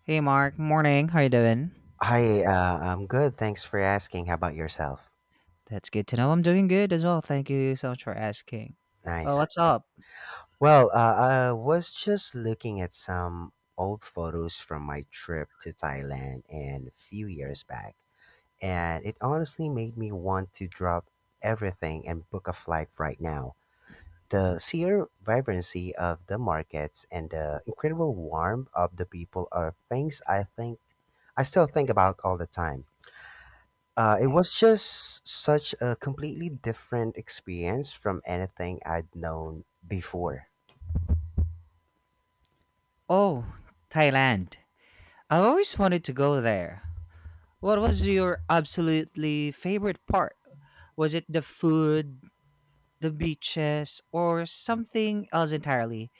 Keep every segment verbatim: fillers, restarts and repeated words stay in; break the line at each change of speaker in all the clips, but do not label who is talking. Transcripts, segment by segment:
Hey Mark, morning. How you doing?
Hi, uh, I'm good. Thanks for asking. How about yourself?
That's good to know. I'm doing good as well. Thank you so much for asking. Well,
Nice.
what's up?
Well, uh, I was just looking at some old photos from my trip to Thailand and a few years back, and it honestly made me want to drop everything and book a flight right now. The sheer vibrancy of the markets and the incredible warmth of the people are things I think I still think about all the time. Uh, it was just such a completely different experience from anything I'd known before.
Oh, Thailand. I've always wanted to go there. What was your absolutely favorite part? Was it the food, the beaches, or something else entirely?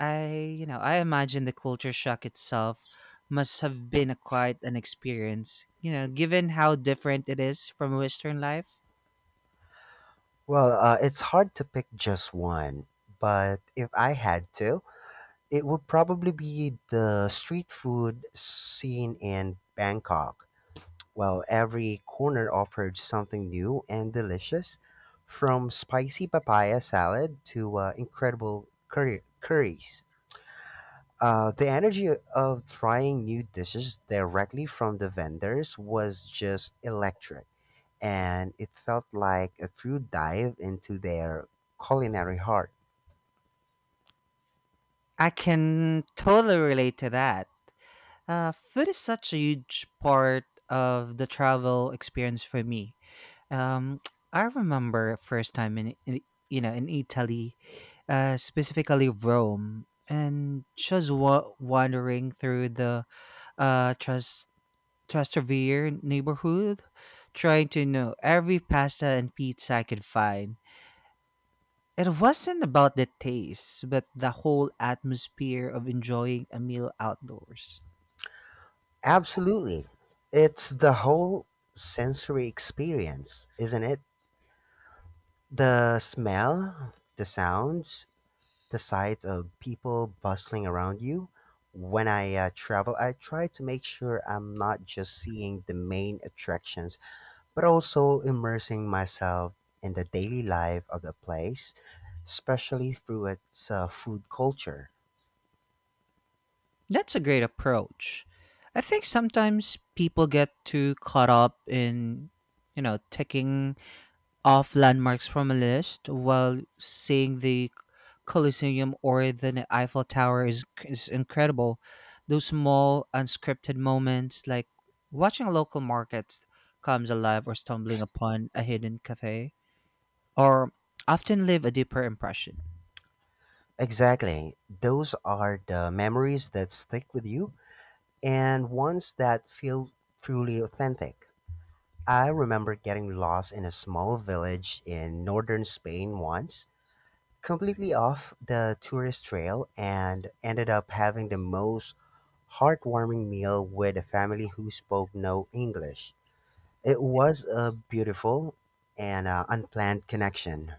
I, you know, I imagine the culture shock itself must have been a quite an experience, you know, given how different it is from Western life.
Well, uh, it's hard to pick just one, but if I had to, it would probably be the street food scene in Bangkok. Well, every corner offered something new and delicious, from spicy papaya salad to uh, incredible curry- curries. Uh, the energy of trying new dishes directly from the vendors was just electric, and it felt like a true dive into their culinary heart.
I can totally relate to that. Uh, food is such a huge part of the travel experience for me. Um, I remember first time in, in you know in Italy, uh, specifically Rome, and just wa- wandering through the uh, Tras- Trastevere neighborhood, trying to know every pasta and pizza I could find. It wasn't about the taste, but the whole atmosphere of enjoying a meal outdoors.
Absolutely. It's the whole sensory experience, isn't it? The smell, the sounds, the sight of people bustling around you. When I uh, travel, I try to make sure I'm not just seeing the main attractions but also immersing myself in the daily life of the place, especially through its uh, food culture.
That's a great approach. I think sometimes people get too caught up in, you know, ticking off landmarks from a list while seeing the Colosseum or the Eiffel Tower is, is incredible. Those small, unscripted moments, like watching local markets comes alive or stumbling upon a hidden cafe or often leave a deeper impression.
Exactly. Those are the memories that stick with you and ones that feel truly authentic. I remember getting lost in a small village in northern Spain once, completely off the tourist trail, and ended up having the most heartwarming meal with a family who spoke no English. It was a beautiful and uh, unplanned connection.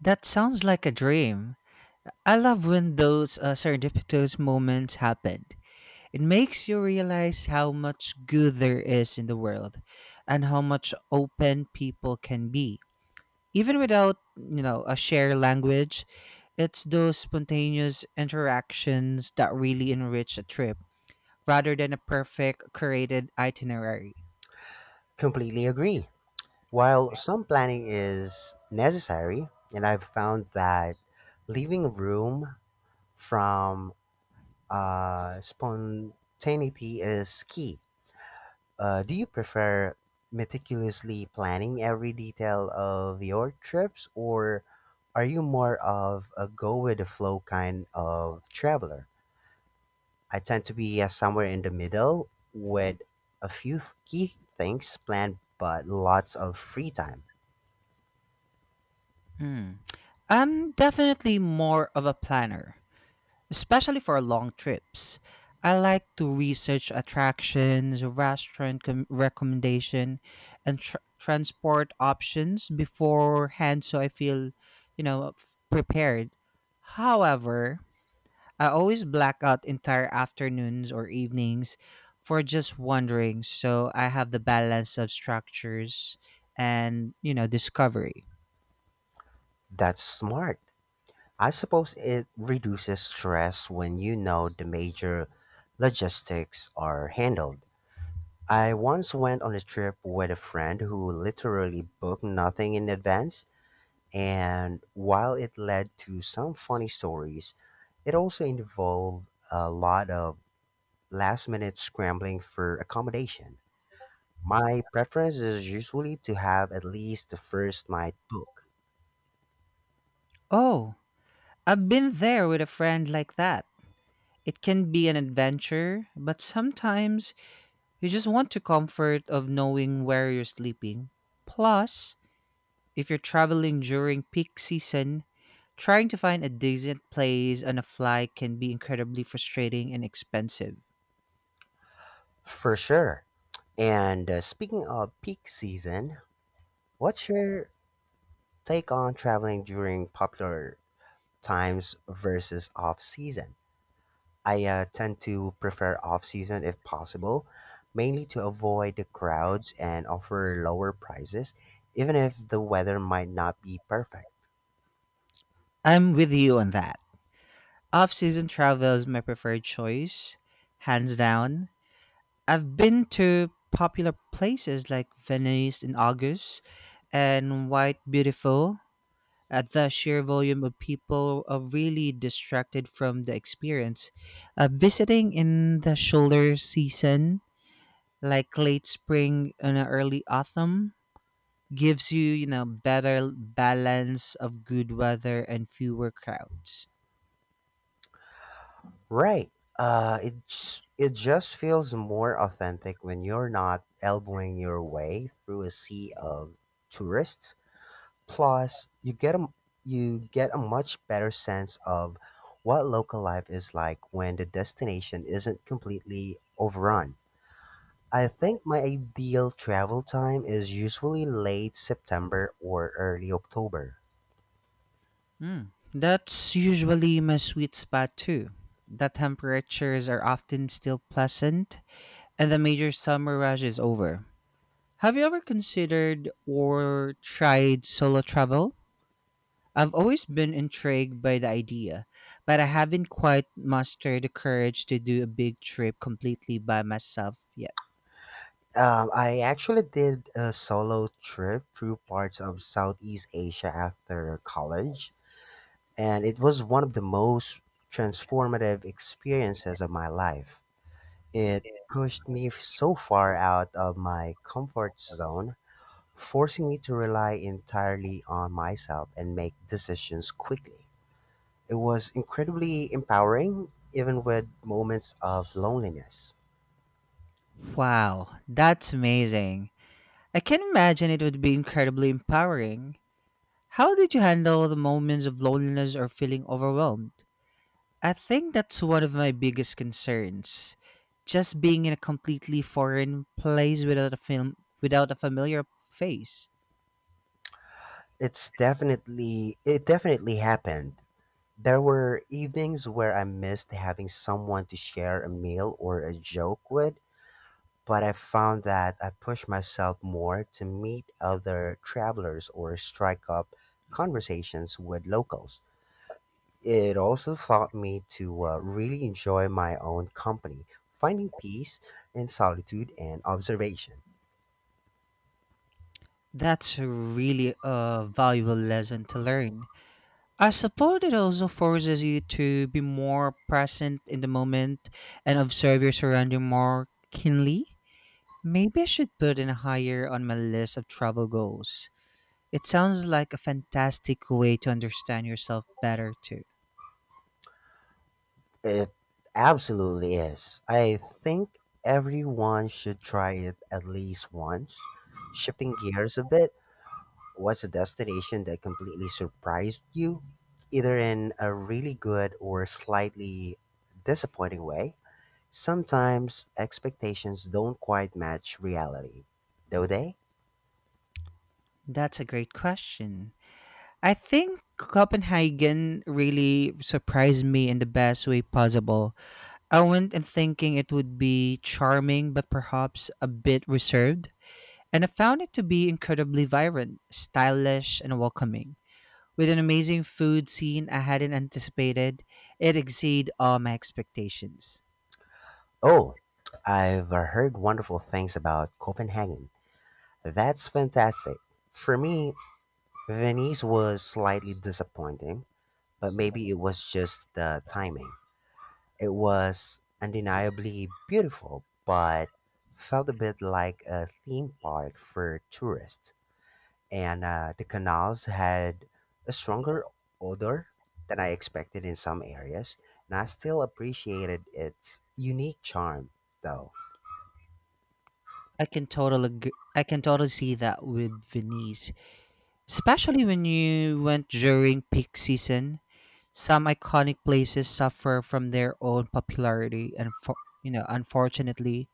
That sounds like a dream. I love when those uh, serendipitous moments happen. It makes you realize how much good there is in the world and how much open people can be. Even without, you know, a shared language, it's those spontaneous interactions that really enrich a trip rather than a perfect curated itinerary.
Completely agree. While some planning is necessary, and I've found that leaving room from uh, spontaneity is key. Uh, do you prefer meticulously planning every detail of your trips, or are you more of a go with the flow kind of traveler? I tend to be uh, somewhere in the middle with a few th- key things planned but lots of free time.
Hmm. I'm definitely more of a planner, especially for long trips. I like to research attractions, restaurant com- recommendation, and tr- transport options beforehand, so I feel, you know, f- prepared. However, I always black out entire afternoons or evenings for just wandering, so I have the balance of structures and you know discovery.
That's smart. I suppose it reduces stress when you know the major logistics are handled. I once went on a trip with a friend who literally booked nothing in advance, and while it led to some funny stories, it also involved a lot of last minute scrambling for accommodation. My preference is usually to have at least the first night book,
Oh, I've been there with a friend like that. It can be an adventure, but sometimes you just want the comfort of knowing where you're sleeping. Plus, if you're traveling during peak season, trying to find a decent place on a flight can be incredibly frustrating and expensive.
for sure. And uh, speaking of peak season, what's your take on traveling during popular times versus off season? I uh, tend to prefer off season if possible, mainly to avoid the crowds and offer lower prices, even if the weather might not be perfect.
I'm with you on that. Off season travel is my preferred choice, hands down. I've been to popular places like Venice in August and White Beautiful at the sheer volume of people uh, really distracted from the experience. Uh, visiting in the shoulder season, like late spring and early autumn, gives you, you know, better balance of good weather and fewer crowds.
Right. Uh, it j- it just feels more authentic when you're not elbowing your way through a sea of tourists. Plus, you get a m- you get a much better sense of what local life is like when the destination isn't completely overrun. I think my ideal travel time is usually late September or early October.
Mm. That's usually my sweet spot too. The temperatures are often still pleasant, and the major summer rush is over. Have you ever considered or tried solo travel? I've always been intrigued by the idea, but I haven't quite mastered the courage to do a big trip completely by myself yet.
Um, I actually did a solo trip through parts of Southeast Asia after college, and it was one of the most transformative experiences of my life. It pushed me f- so far out of my comfort zone, forcing me to rely entirely on myself and make decisions quickly. It was incredibly empowering, even with moments of loneliness.
Wow, that's amazing. I can imagine it would be incredibly empowering. How did you handle the moments of loneliness or feeling overwhelmed? I think that's one of my biggest concerns. Just being in a completely foreign place without a film without a familiar face.
It's definitely it definitely happened. There were evenings where I missed having someone to share a meal or a joke with, but I found that I pushed myself more to meet other travelers or strike up conversations with locals. It also taught me to uh, really enjoy my own company, finding peace in solitude and observation.
That's a really a valuable lesson to learn. I suppose it also forces you to be more present in the moment and observe your surrounding more keenly. Maybe I should put in higher on my list of travel goals. It sounds like a fantastic way to understand yourself better, too.
It absolutely is. I think everyone should try it at least once. Shifting gears a bit, what's a destination that completely surprised you, either in a really good or slightly disappointing way? Sometimes expectations don't quite match reality, do they?
That's a great question. I think Copenhagen really surprised me in the best way possible. I went in thinking it would be charming, but perhaps a bit reserved, and I found it to be incredibly vibrant, stylish, and welcoming. With an amazing food scene I hadn't anticipated, it exceeded all my expectations.
Oh, I've uh, heard wonderful things about Copenhagen. That's fantastic. For me, Venice was slightly disappointing, but maybe it was just the timing. It was undeniably beautiful, but felt a bit like a theme park for tourists. And uh, the canals had a stronger odor than I expected in some areas, and I still appreciated its unique charm, though.
I can totally, ag- I can totally see that with Venice. Especially when you went during peak season, some iconic places suffer from their own popularity and for, you know, unfortunately,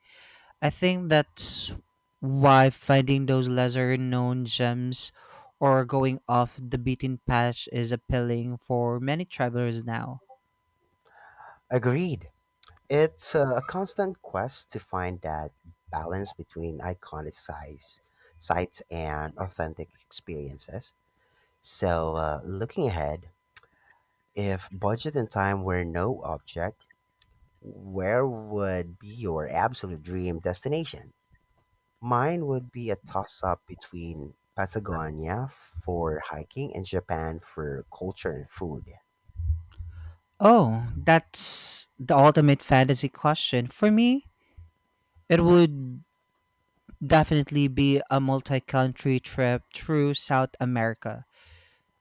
I think that's why finding those lesser known gems or going off the beaten path is appealing for many travelers now.
Agreed. It's a constant quest to find that balance between iconic size, sites and authentic experiences. So, uh, looking ahead, if budget and time were no object, where would be your absolute dream destination? Mine would be a toss up between Patagonia for hiking and Japan for culture and food.
Oh, that's the ultimate fantasy question. For me, it would definitely be a multi country trip through South America,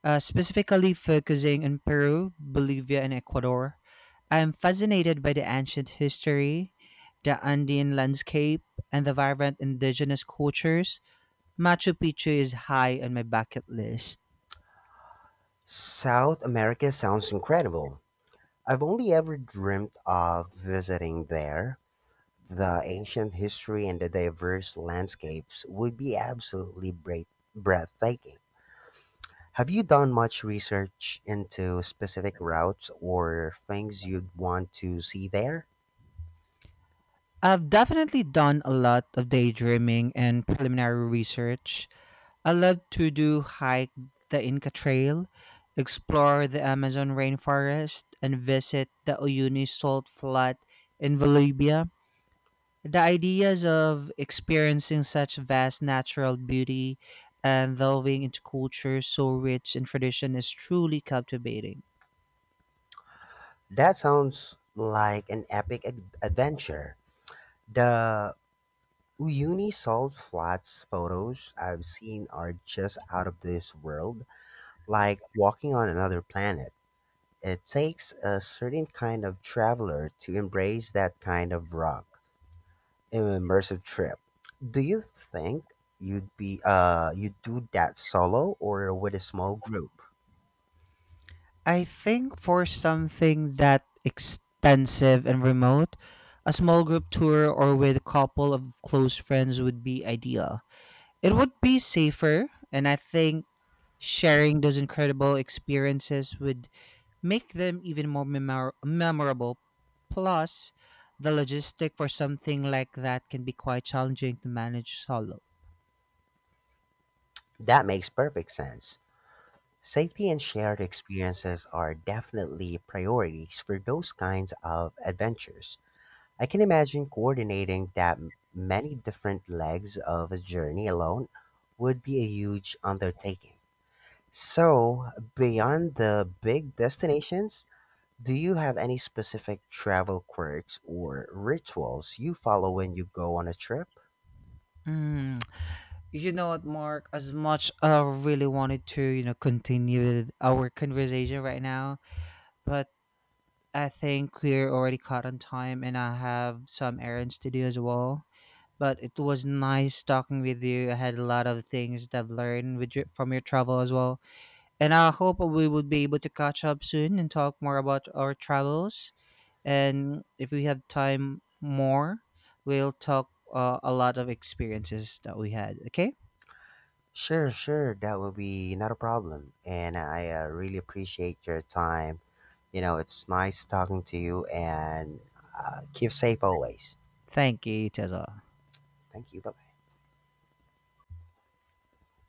uh, specifically focusing on Peru, Bolivia, and Ecuador. I'm fascinated by the ancient history, the Andean landscape, and the vibrant indigenous cultures. Machu Picchu is high on my bucket list.
South America sounds incredible. I've only ever dreamt of visiting there. The ancient history and the diverse landscapes would be absolutely breath- breathtaking. Have you done much research into specific routes or things you'd want to see there?
I've definitely done a lot of daydreaming and preliminary research. I love to do hike the Inca Trail, explore the Amazon rainforest, and visit the Uyuni salt flat in Bolivia. The ideas of experiencing such vast natural beauty and delving into cultures so rich in tradition is truly captivating.
That sounds like an epic ad- adventure. The Uyuni Salt Flats photos I've seen are just out of this world, like walking on another planet. It takes a certain kind of traveler to embrace that kind of rock. An immersive trip. Do you think you'd be uh you'd do that solo or with a small group?
I think for something that extensive and remote, a small group tour or with a couple of close friends would be ideal. It would be safer, and I think sharing those incredible experiences with make them even more memor- memorable. Plus, the logistic for something like that can be quite challenging to manage solo.
That makes perfect sense. Safety and shared experiences are definitely priorities for those kinds of adventures. I can imagine coordinating that m- many different legs of a journey alone would be a huge undertaking. So, beyond the big destinations, do you have any specific travel quirks or rituals you follow when you go on a trip?
Mm. You know what, Mark? As much I really wanted to, you know, continue our conversation right now, but I think we're already caught on time and I have some errands to do as well. But it was nice talking with you. I had a lot of things that I've learned with your, from your travel as well. And I hope we would be able to catch up soon and talk more about our travels. And if we have time more, we'll talk uh, a lot of experiences that we had. Okay?
Sure, sure, that would be not a problem. And I uh, really appreciate your time. You know, it's nice talking to you and uh, keep safe always.
Thank you, Tessa.
Thank you. Bye.